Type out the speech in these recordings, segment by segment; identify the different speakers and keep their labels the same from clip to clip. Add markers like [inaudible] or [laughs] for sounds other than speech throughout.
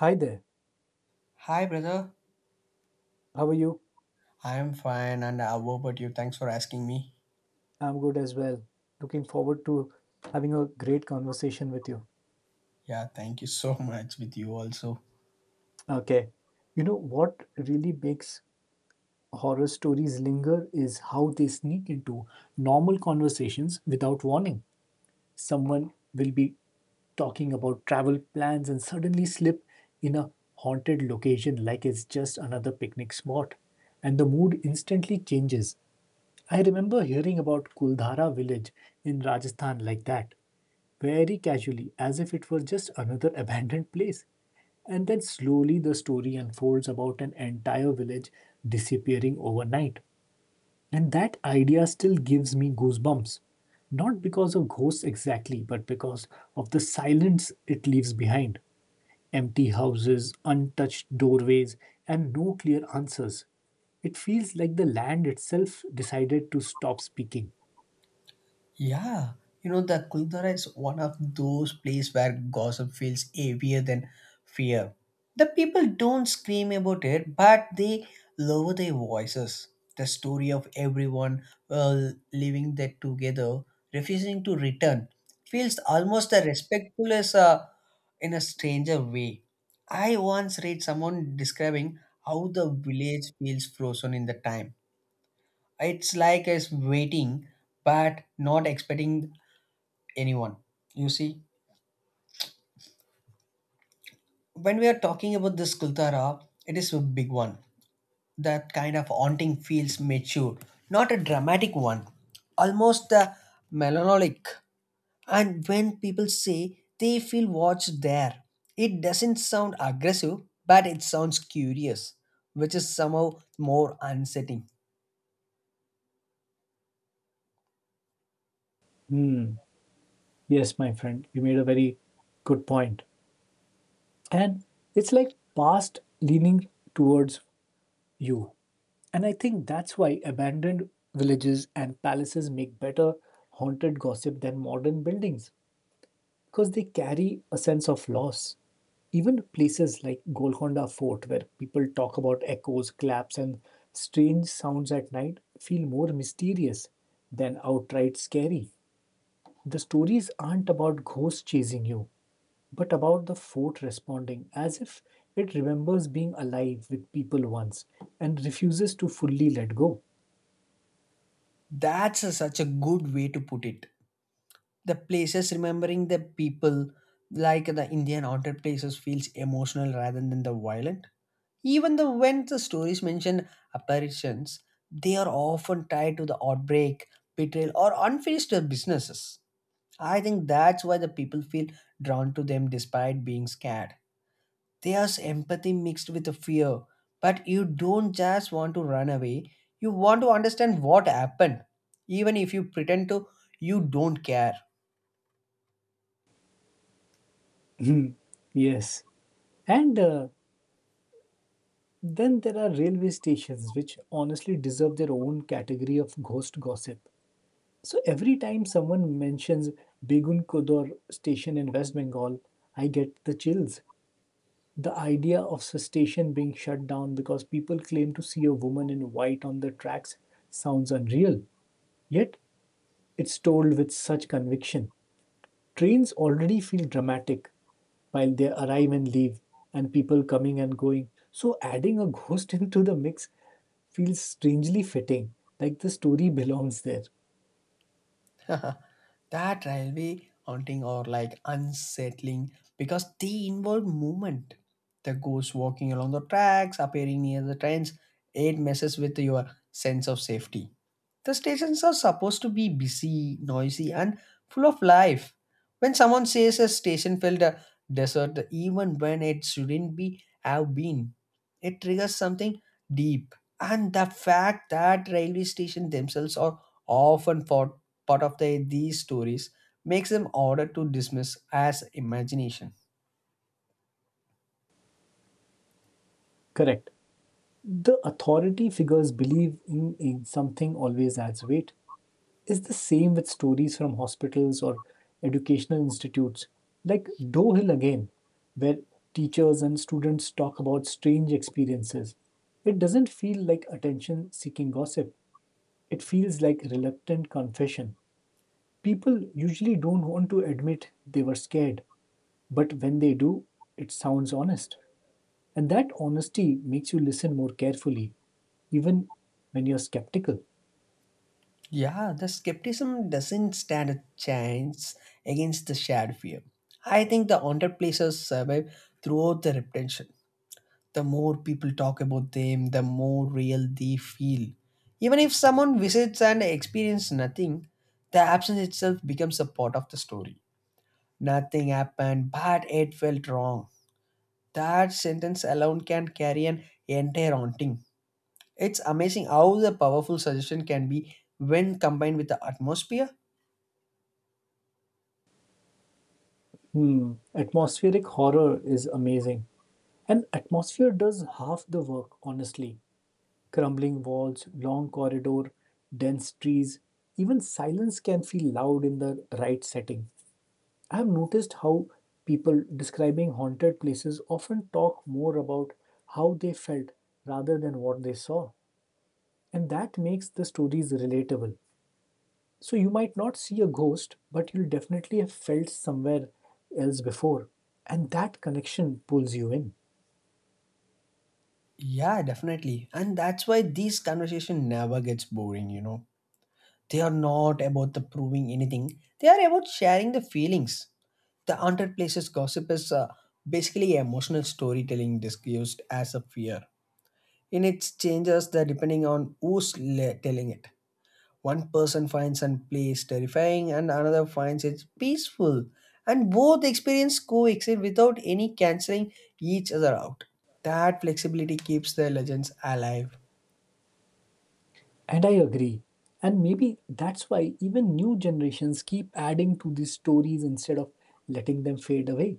Speaker 1: Hi there.
Speaker 2: Hi, brother.
Speaker 1: How are you?
Speaker 2: I am fine, and how about you? Thanks for asking me.
Speaker 1: I'm good as well. Looking forward to having a great conversation with you.
Speaker 2: Yeah, thank you so [laughs] much with you also.
Speaker 1: Okay. You know what really makes horror stories linger is how they sneak into normal conversations without warning. Someone will be talking about travel plans and suddenly slip in a haunted location like it's just another picnic spot, and the mood instantly changes. I remember hearing about Kuldhara village in Rajasthan like that, very casually, as if it were just another [laughs] abandoned place. And then slowly the story unfolds about an entire village disappearing overnight, and that idea still gives me goosebumps. Not because of ghosts exactly, but because of the silence it leaves behind empty houses, untouched doorways, and no clear answers. It feels like the land itself decided to stop speaking.
Speaker 2: Yeah, you know the Kuldara is one of those places where gossip feels heavier than fear. The people don't scream about it, but they lower their voices. The story of everyone living there together, refusing to return, feels almost as respectful as a in a stranger way. I once read someone describing how the village feels frozen in the time. It's like it's waiting but not expecting anyone. You see, when we are talking about this Kultara, it is a big one. That kind of haunting feels mature, not a dramatic one, almost a melancholic. And when people say they feel watched there, it doesn't sound aggressive, but it sounds curious, which is somehow more unsettling.
Speaker 1: Hmm. Yes, my friend, you made a very good point. And it's like past leaning towards you. And I think that's why abandoned villages and palaces make better haunted gossip than modern buildings because they carry a sense of loss. Even places like Golconda Fort, where people talk about echoes, claps, and strange sounds at night, feel more mysterious than outright scary. The stories aren't about ghosts chasing you, but about the fort responding as if it remembers being alive with people once and refuses to fully let go.
Speaker 2: Such a good way to put it. The places remembering the people like the indian haunted places feels emotional rather than the violent, even the when the stories mention apparitions, they are often tied to the outbreak, betrayal or unfinished businesses. I think that's why the people feel drawn to them despite being scared. There's empathy mixed with the fear, but you don't just want to run away, you want to understand what happened even if you pretend to you don't care.
Speaker 1: [laughs] Yes. And Then there are railway stations, which honestly deserve their own category of ghost gossip. So every time someone mentions Begun Kodor station in West Bengal, I get the chills. The idea of the station being shut down because people claim to see a woman in white on the tracks sounds unreal. Yet, it's told with such conviction. Trains already feel dramatic while they arrive and leave, and people coming and going. So, adding a ghost [laughs] into the mix feels strangely fitting, like the story belongs there.
Speaker 2: [laughs] That railway haunting or like unsettling because they involve movement. The ghost walking along the tracks, appearing near the trains, it messes with your sense of safety. The stations are supposed to be busy, noisy, and full of life. When someone says a station felt a desert, even when it shouldn't be have been, it triggers something deep. And the fact that railway stations themselves are often part of the, these stories makes them harder to dismiss as imagination.
Speaker 1: Correct. The authority figures believe in something always adds weight. Is the same with stories from hospitals or educational institutes, like Doe Hill again, where teachers and students talk about strange experiences. It doesn't feel like attention seeking gossip, it feels like reluctant confession. People usually don't want to admit they were scared, but when they do, it sounds honest. And that honesty makes you listen more carefully, even when you're skeptical.
Speaker 2: Yeah, the skepticism doesn't stand a chance against the shared fear. I think the underplacers survive throughout the retention. The more people talk about them, the more real they feel. Even if someone visits and experiences nothing, the absence itself becomes a part of the story. Nothing happened, but it felt wrong. That sentence alone can carry an entire haunting. It's amazing how the powerful suggestion can be when combined with the atmosphere.
Speaker 1: Hmm, atmospheric horror is amazing. And atmosphere does half the work, honestly. Crumbling walls, long corridor, dense trees, even silence can feel loud in the right setting. I have noticed how people describing haunted places often talk more about how they felt rather than what they saw. And that makes the stories relatable. So you might not see a ghost, but you'll definitely have felt somewhere else before. And that connection pulls you in.
Speaker 2: Yeah, definitely. And that's why these conversation never gets boring, you know. They are not about the proving anything. They are about sharing the feelings. The haunted places gossip is basically emotional storytelling disguised as a fear. In its changes the depending on telling it. One person finds a place terrifying and another finds it peaceful. And both experience coexist without any cancelling each other out. That flexibility keeps the legends alive.
Speaker 1: And I agree. And maybe that's why even new generations keep adding to these stories instead of letting them fade away.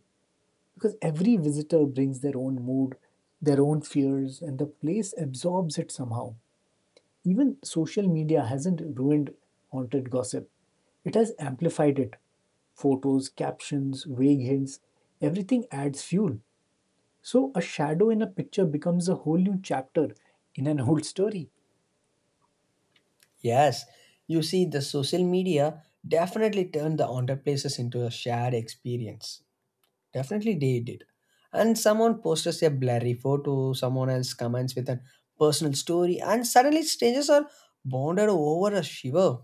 Speaker 1: Because every visitor brings their own mood, their own fears, and the place absorbs it somehow. Even social media hasn't ruined haunted gossip, it has amplified it. Photos, captions, vague hints, everything adds fuel. So a shadow in a picture becomes a whole new chapter in an old story.
Speaker 2: Yes, you see, the social media definitely turned the haunted places into a shared experience. Definitely they did. And someone posts a blurry photo, someone else comments with a personal story, and suddenly strangers are bonded over a shiver.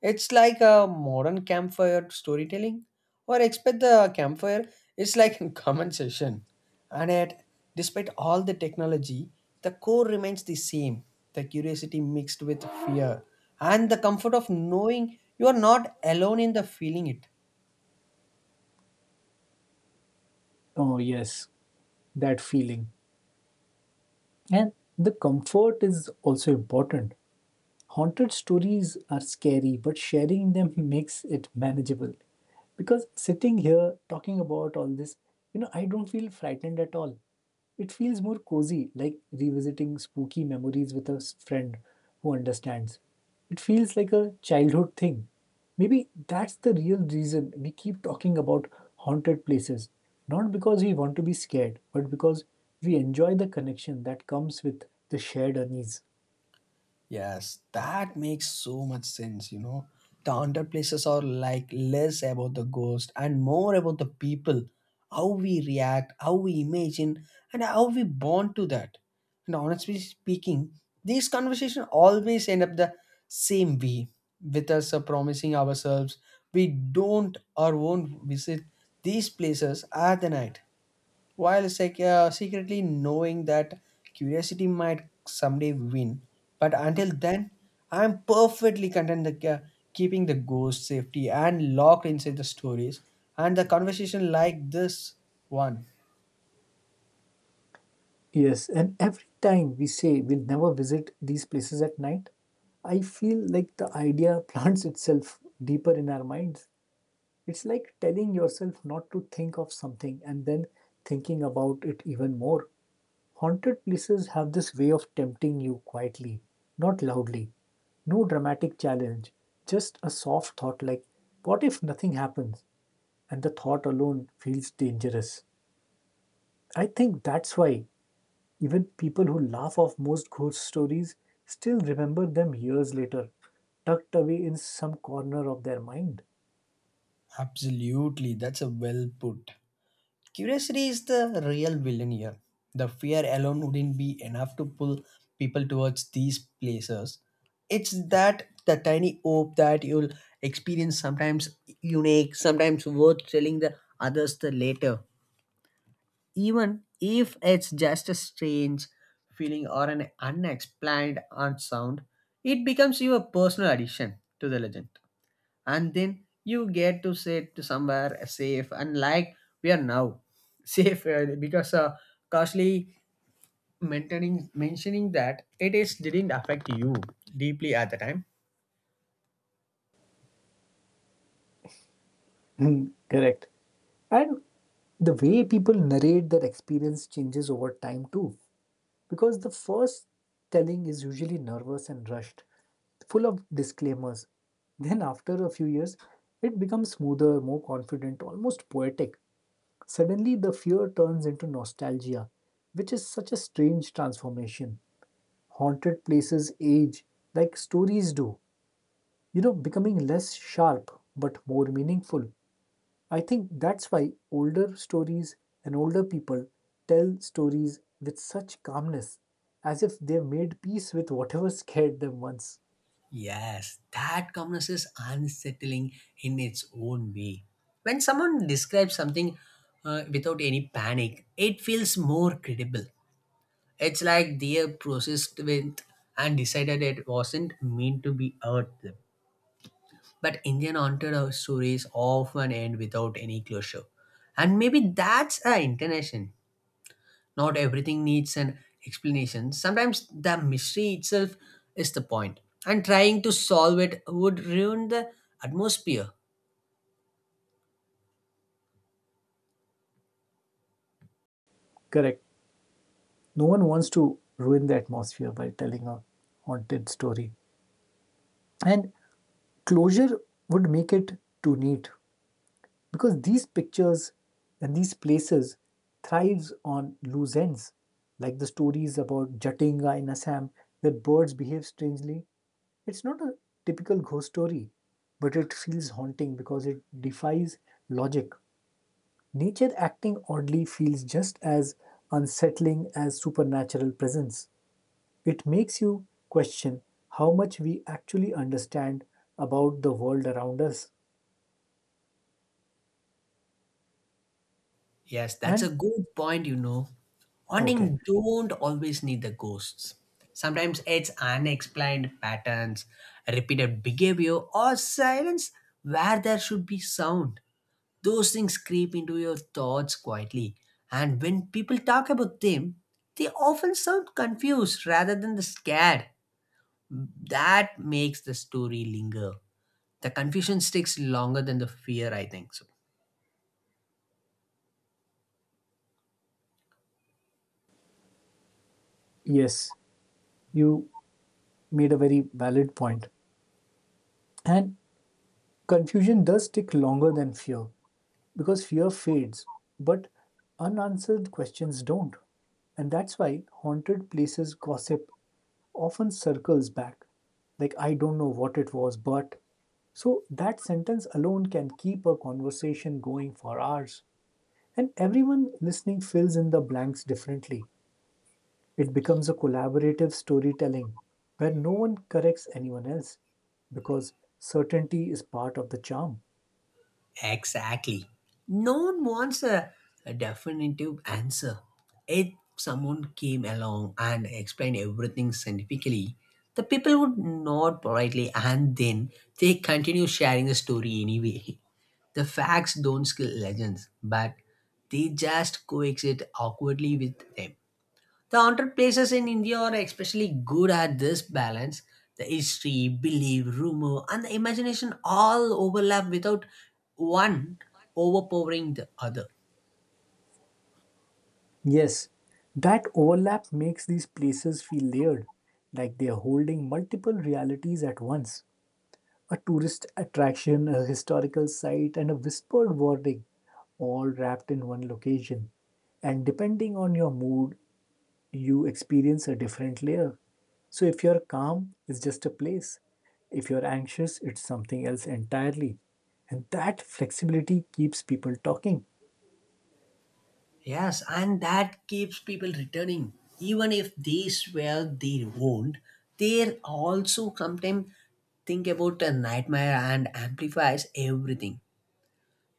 Speaker 2: It's like a modern campfire storytelling, or expect the campfire. It's like a [laughs] common session, and yet, despite all the technology, the core remains the same: the curiosity mixed with fear, and the comfort of knowing you are not alone in the feeling it.
Speaker 1: Oh, yes, that feeling. And the comfort is also important. Haunted stories are scary, but sharing them [laughs] makes it manageable. Because sitting here talking about all this, I don't feel frightened at all. It feels more cozy, like revisiting spooky memories with a friend who understands. It feels like a childhood thing. Maybe that's the real reason we keep talking about haunted places, not because we want to be scared, but because we enjoy the connection that comes with the shared unease.
Speaker 2: Yes, that makes so much sense, you know. The haunted places are like less about the ghost and more about the people, how we react, how we imagine, and how we bond to that. And honestly speaking, these conversations always end up the same way with us promising ourselves we don't or won't visit these places at the night while secretly knowing that curiosity might someday win. But until then, I'm perfectly content keeping the ghost safety and locked inside the stories and the conversation like this one.
Speaker 1: Yes, and every time we say we'll never visit these places at night, I feel like the idea [laughs] plants itself deeper in our minds. It's like telling yourself not to think of something and then thinking about it even more. Haunted places have this way of tempting you quietly, not loudly. No dramatic challenge, just a soft thought like, what if nothing happens? And the thought alone feels dangerous. I think that's why even people who laugh off most ghost stories still remember them years later, tucked away in some corner of their mind.
Speaker 2: Absolutely, that's a well put. Curiosity is the real villain here. The fear alone wouldn't be enough to pull people towards these places. It's that the tiny hope that you'll experience sometimes unique, sometimes worth telling the others the later. Even if it's just a strange feeling or an unexplained unsound, it becomes your personal addition to the legend, and then you get to sit to somewhere safe and like we are now [laughs] safe because costly maintaining mentioning that it is didn't affect you deeply at the time.
Speaker 1: Hmm, correct. And the way people narrate their experience changes over time too, because the first telling is usually nervous and rushed, full of disclaimers. Then, after a few years, it becomes smoother, more confident, almost poetic. Suddenly, the fear turns into nostalgia, which is such a strange transformation. Haunted places age like stories do, you know, becoming less sharp but more meaningful. I think that's why older stories and older people tell stories with such calmness, as if they've made peace with whatever scared them once.
Speaker 2: Yes, that calmness is unsettling in its own way. When someone describes something without any panic, it feels more credible. It's like they processed with and decided it wasn't meant to be hurt. But Indian haunted stories often end without any closure. And maybe that's the intention. Not everything needs an explanation. Sometimes the mystery itself is the point. And trying to solve it would ruin the atmosphere.
Speaker 1: Correct. No one wants to ruin the atmosphere by telling a haunted story. And closure would make it too neat. Because these pictures and these places thrives on loose ends, like the stories about Jatinga in Assam where birds behave strangely. It's not a typical ghost story, but it feels haunting because it defies logic. Nature acting oddly feels just as unsettling as supernatural presence. It makes you question how much we actually understand about the world around us
Speaker 2: Yes, that's a
Speaker 1: and
Speaker 2: good point, you know.
Speaker 1: okay.
Speaker 2: Haunting don't always need the ghosts. Sometimes it's unexplained patterns, repeated behavior, or silence where there should be sound. Those things creep into your thoughts quietly, and when people talk about them, they often sound confused rather than the scared. That makes the story linger. The confusion sticks longer than the fear, I think so.
Speaker 1: Yes, you made a very valid point. And confusion does stick longer than fear because fear fades, but unanswered questions don't. And that's why haunted places gossip often circles back. Like, I don't know what it was, but. So that sentence alone can keep a conversation going for hours. And everyone listening fills in the blanks differently. It becomes a collaborative storytelling where no one corrects anyone else because certainty is part of the charm.
Speaker 2: Exactly. No one wants a definitive answer. If someone came along and explained everything scientifically, the people would nod politely and then they continue sharing the story anyway. The facts don't kill legends, but they just coexist awkwardly with them. The haunted places in India are especially good at this balance. The history, belief, rumor, and the imagination all overlap without one overpowering the other.
Speaker 1: Yes, that overlap makes these places feel layered, like they are holding multiple realities at once. A tourist attraction, a historical site, and a whispered warning, all wrapped in one location. And depending on your mood, you experience a different layer. So if you're calm, it's just a place. If you're anxious, it's something else entirely. And that flexibility keeps people talking. [laughs]
Speaker 2: Yes, and that keeps people returning. Even if they swear they won't, they also sometimes think about a nightmare and amplifies everything.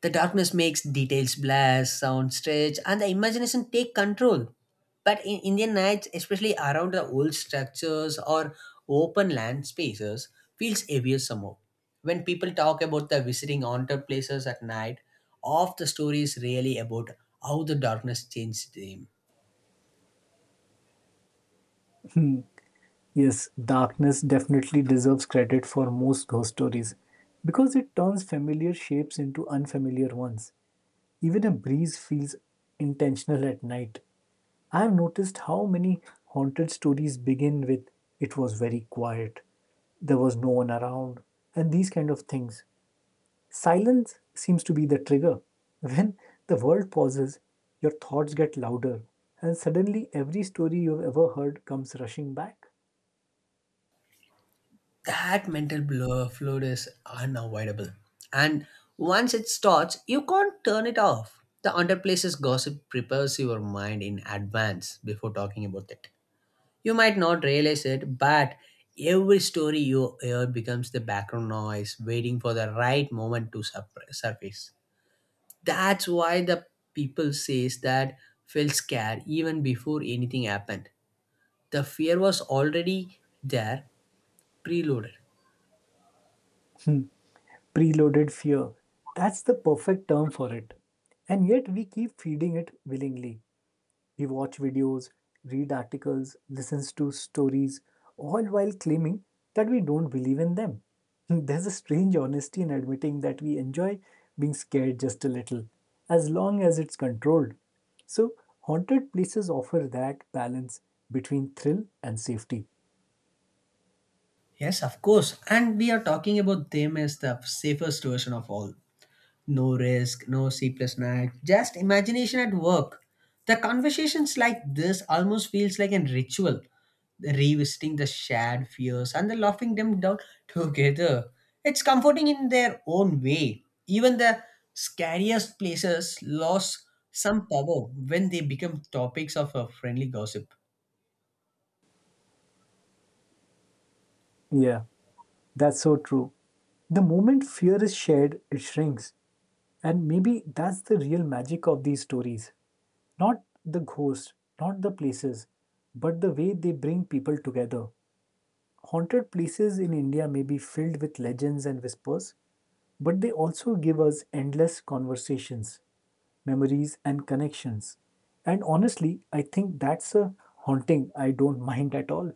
Speaker 2: The darkness makes details blur, sound stretch, and the imagination take control. But in Indian nights, especially around the old structures or open land spaces, feels heavier somehow. When people talk about the visiting haunted places at night, half the story is really about how the darkness changed them.
Speaker 1: Yes, darkness definitely deserves credit for most ghost stories because it turns familiar shapes into unfamiliar ones. Even a breeze feels intentional at night. I have noticed how many haunted stories begin with it was very quiet, there was no one around, and these kind of things. Silence seems to be the trigger. When the world pauses, your thoughts get louder, and suddenly every story you've ever heard comes rushing back.
Speaker 2: That mental blur flood is unavoidable. And once it starts, you can't turn it off. The underplaces gossip prepares your mind in advance before talking about it. You might not realize it, but every story you hear becomes the background noise waiting for the right moment to surface. That's why the people says that felt scared even before anything happened. The fear was already there, preloaded.
Speaker 1: Hmm, preloaded fear. That's the perfect term for it. And yet we keep feeding it willingly. We watch videos, read articles, listens to stories, all while claiming that we don't believe in them. [laughs] There's a strange honesty in admitting that we enjoy being scared just a little, as long as it's controlled. So, haunted places offer that balance between thrill and safety.
Speaker 2: Yes, of course. And we are talking about them as the safest version of all. No risk, no sleepless night, just imagination at work. The conversations like this almost feels like a ritual, revisiting the shared fears and the laughing them down [laughs] together. It's comforting in their own way. Even the scariest places lose some power when they become topics of a friendly gossip.
Speaker 1: Yeah, that's so true. The moment fear is shared, it shrinks. And maybe that's the real magic of these stories. Not the ghosts, not the places, but the way they bring people together. Haunted places in India may be filled with legends and whispers, but they also give us endless conversations, memories, and connections. And honestly, I think that's a haunting I don't mind at all.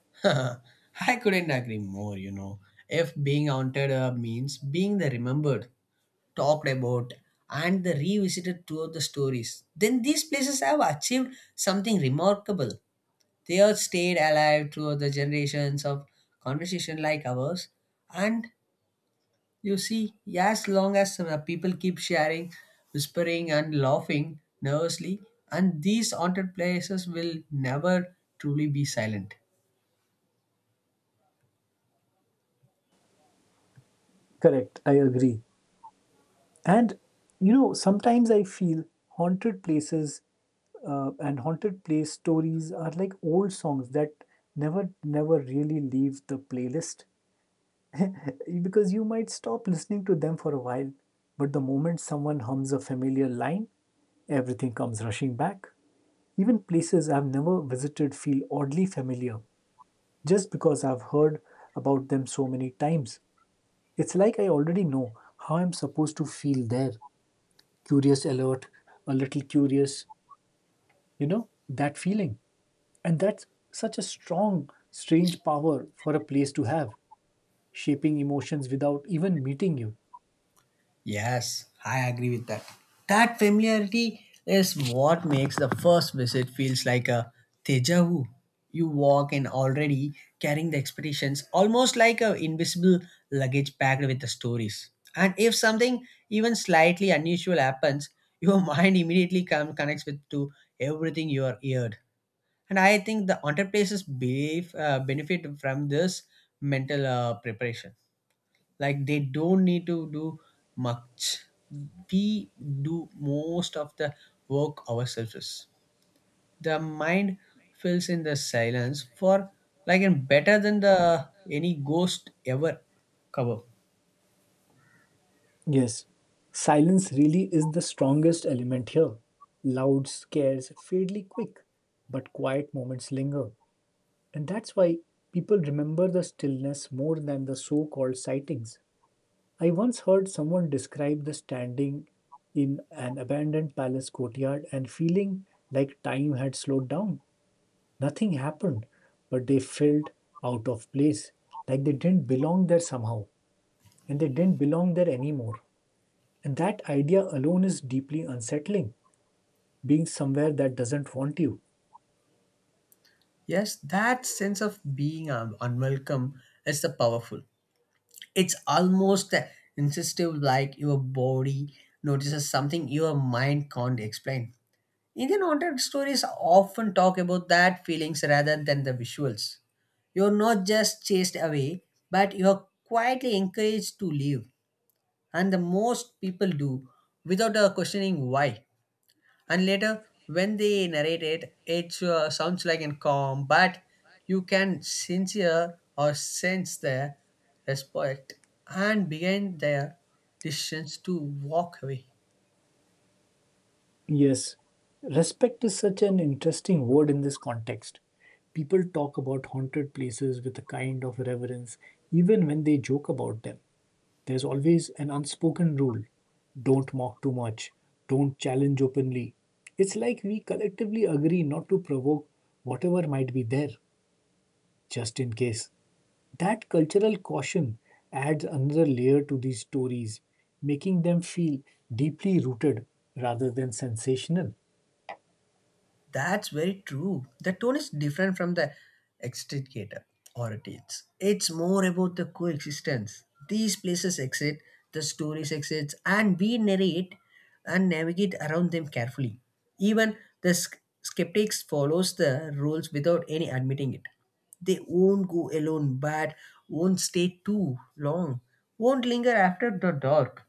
Speaker 2: [laughs] I couldn't agree more, you know. If being haunted means being the remembered, talked about, and the revisited throughout the stories, then these places have achieved something remarkable. They have stayed alive throughout the generations of conversation like ours. And you see, as long as people keep sharing, whispering, and laughing nervously, and these haunted places will never truly be silent.
Speaker 1: Correct, I agree. And you know, sometimes I feel haunted places and haunted place stories are like old songs that never really leave the playlist. [laughs] Because you might stop listening to them for a while, but the moment someone hums a familiar line, everything comes rushing back. Even places I've never visited feel oddly familiar just because I've heard about them so many times. It's like I already know how I'm supposed to feel there curious, alert, a little curious, you know, that feeling. And that's such a strong, strange power for a place to have, shaping emotions without even meeting you.
Speaker 2: Yes, I agree with that. That familiarity is what makes the first visit feels like a deja vu. You walk in already carrying the expectations, almost like a invisible luggage packed with the stories. And if something even slightly unusual happens, your [laughs] mind immediately come, connects with to everything you are heard. And I think the entrepreneurs behave, benefit from this mental preparation, like they don't need to do much, we do most of the work ourselves. The mind fills in the silence for like and better than the any ghost ever cover.
Speaker 1: Yes, silence really is the strongest element here. Loud scares fairly quick, but quiet moments linger. And that's why people remember the stillness more than the so called sightings. I once heard someone describe the standing in an abandoned palace courtyard and feeling like time had slowed down. Nothing happened, but they felt out of place, like they didn't belong there somehow, and they didn't belong there anymore. And that idea alone is deeply unsettling, being somewhere that doesn't want you.
Speaker 2: Yes, that sense of unwelcome is the powerful. It's almost insistive, like your body notices something your mind can't explain. Indian haunted stories often talk about that feelings rather than the visuals. You're not just chased away, but you're quietly encouraged to leave. And the most people do without questioning why. And later, when they narrate it, it sounds like a calm, but you can sincere or sense their respect and behind their decisions to walk away.
Speaker 1: Yes, respect is such an interesting word in this context. People talk about haunted places with a kind of reverence, even when they joke about them. There's always an unspoken rule don't mock too much, don't challenge openly. It's like we collectively agree not to provoke whatever might be there, just in case. That cultural caution adds another layer to these stories, making them feel deeply rooted rather than sensational.
Speaker 2: That's very true. The tone is different from the extricator or it is. It's more about the coexistence. These places exist, the stories exist, and we narrate and navigate around them carefully. Even the skeptics follows the rules without any admitting it. They won't go alone, but won't stay too long. Won't linger after the dark.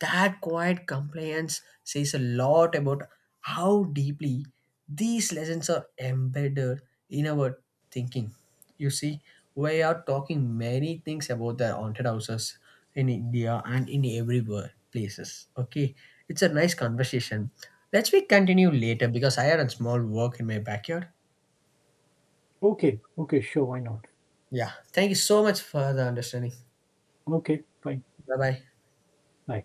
Speaker 2: That quiet compliance says a lot about how deeply these lessons are embedded in our thinking. You see, we are talking many things about the haunted houses in India and in everywhere places. Okay, it's a nice conversation. Let's we continue later because I had a small work in my backyard.
Speaker 1: Okay, okay, sure, why not?
Speaker 2: Yeah, thank you so much for the understanding.
Speaker 1: Okay, fine,
Speaker 2: Bye bye.
Speaker 1: bye.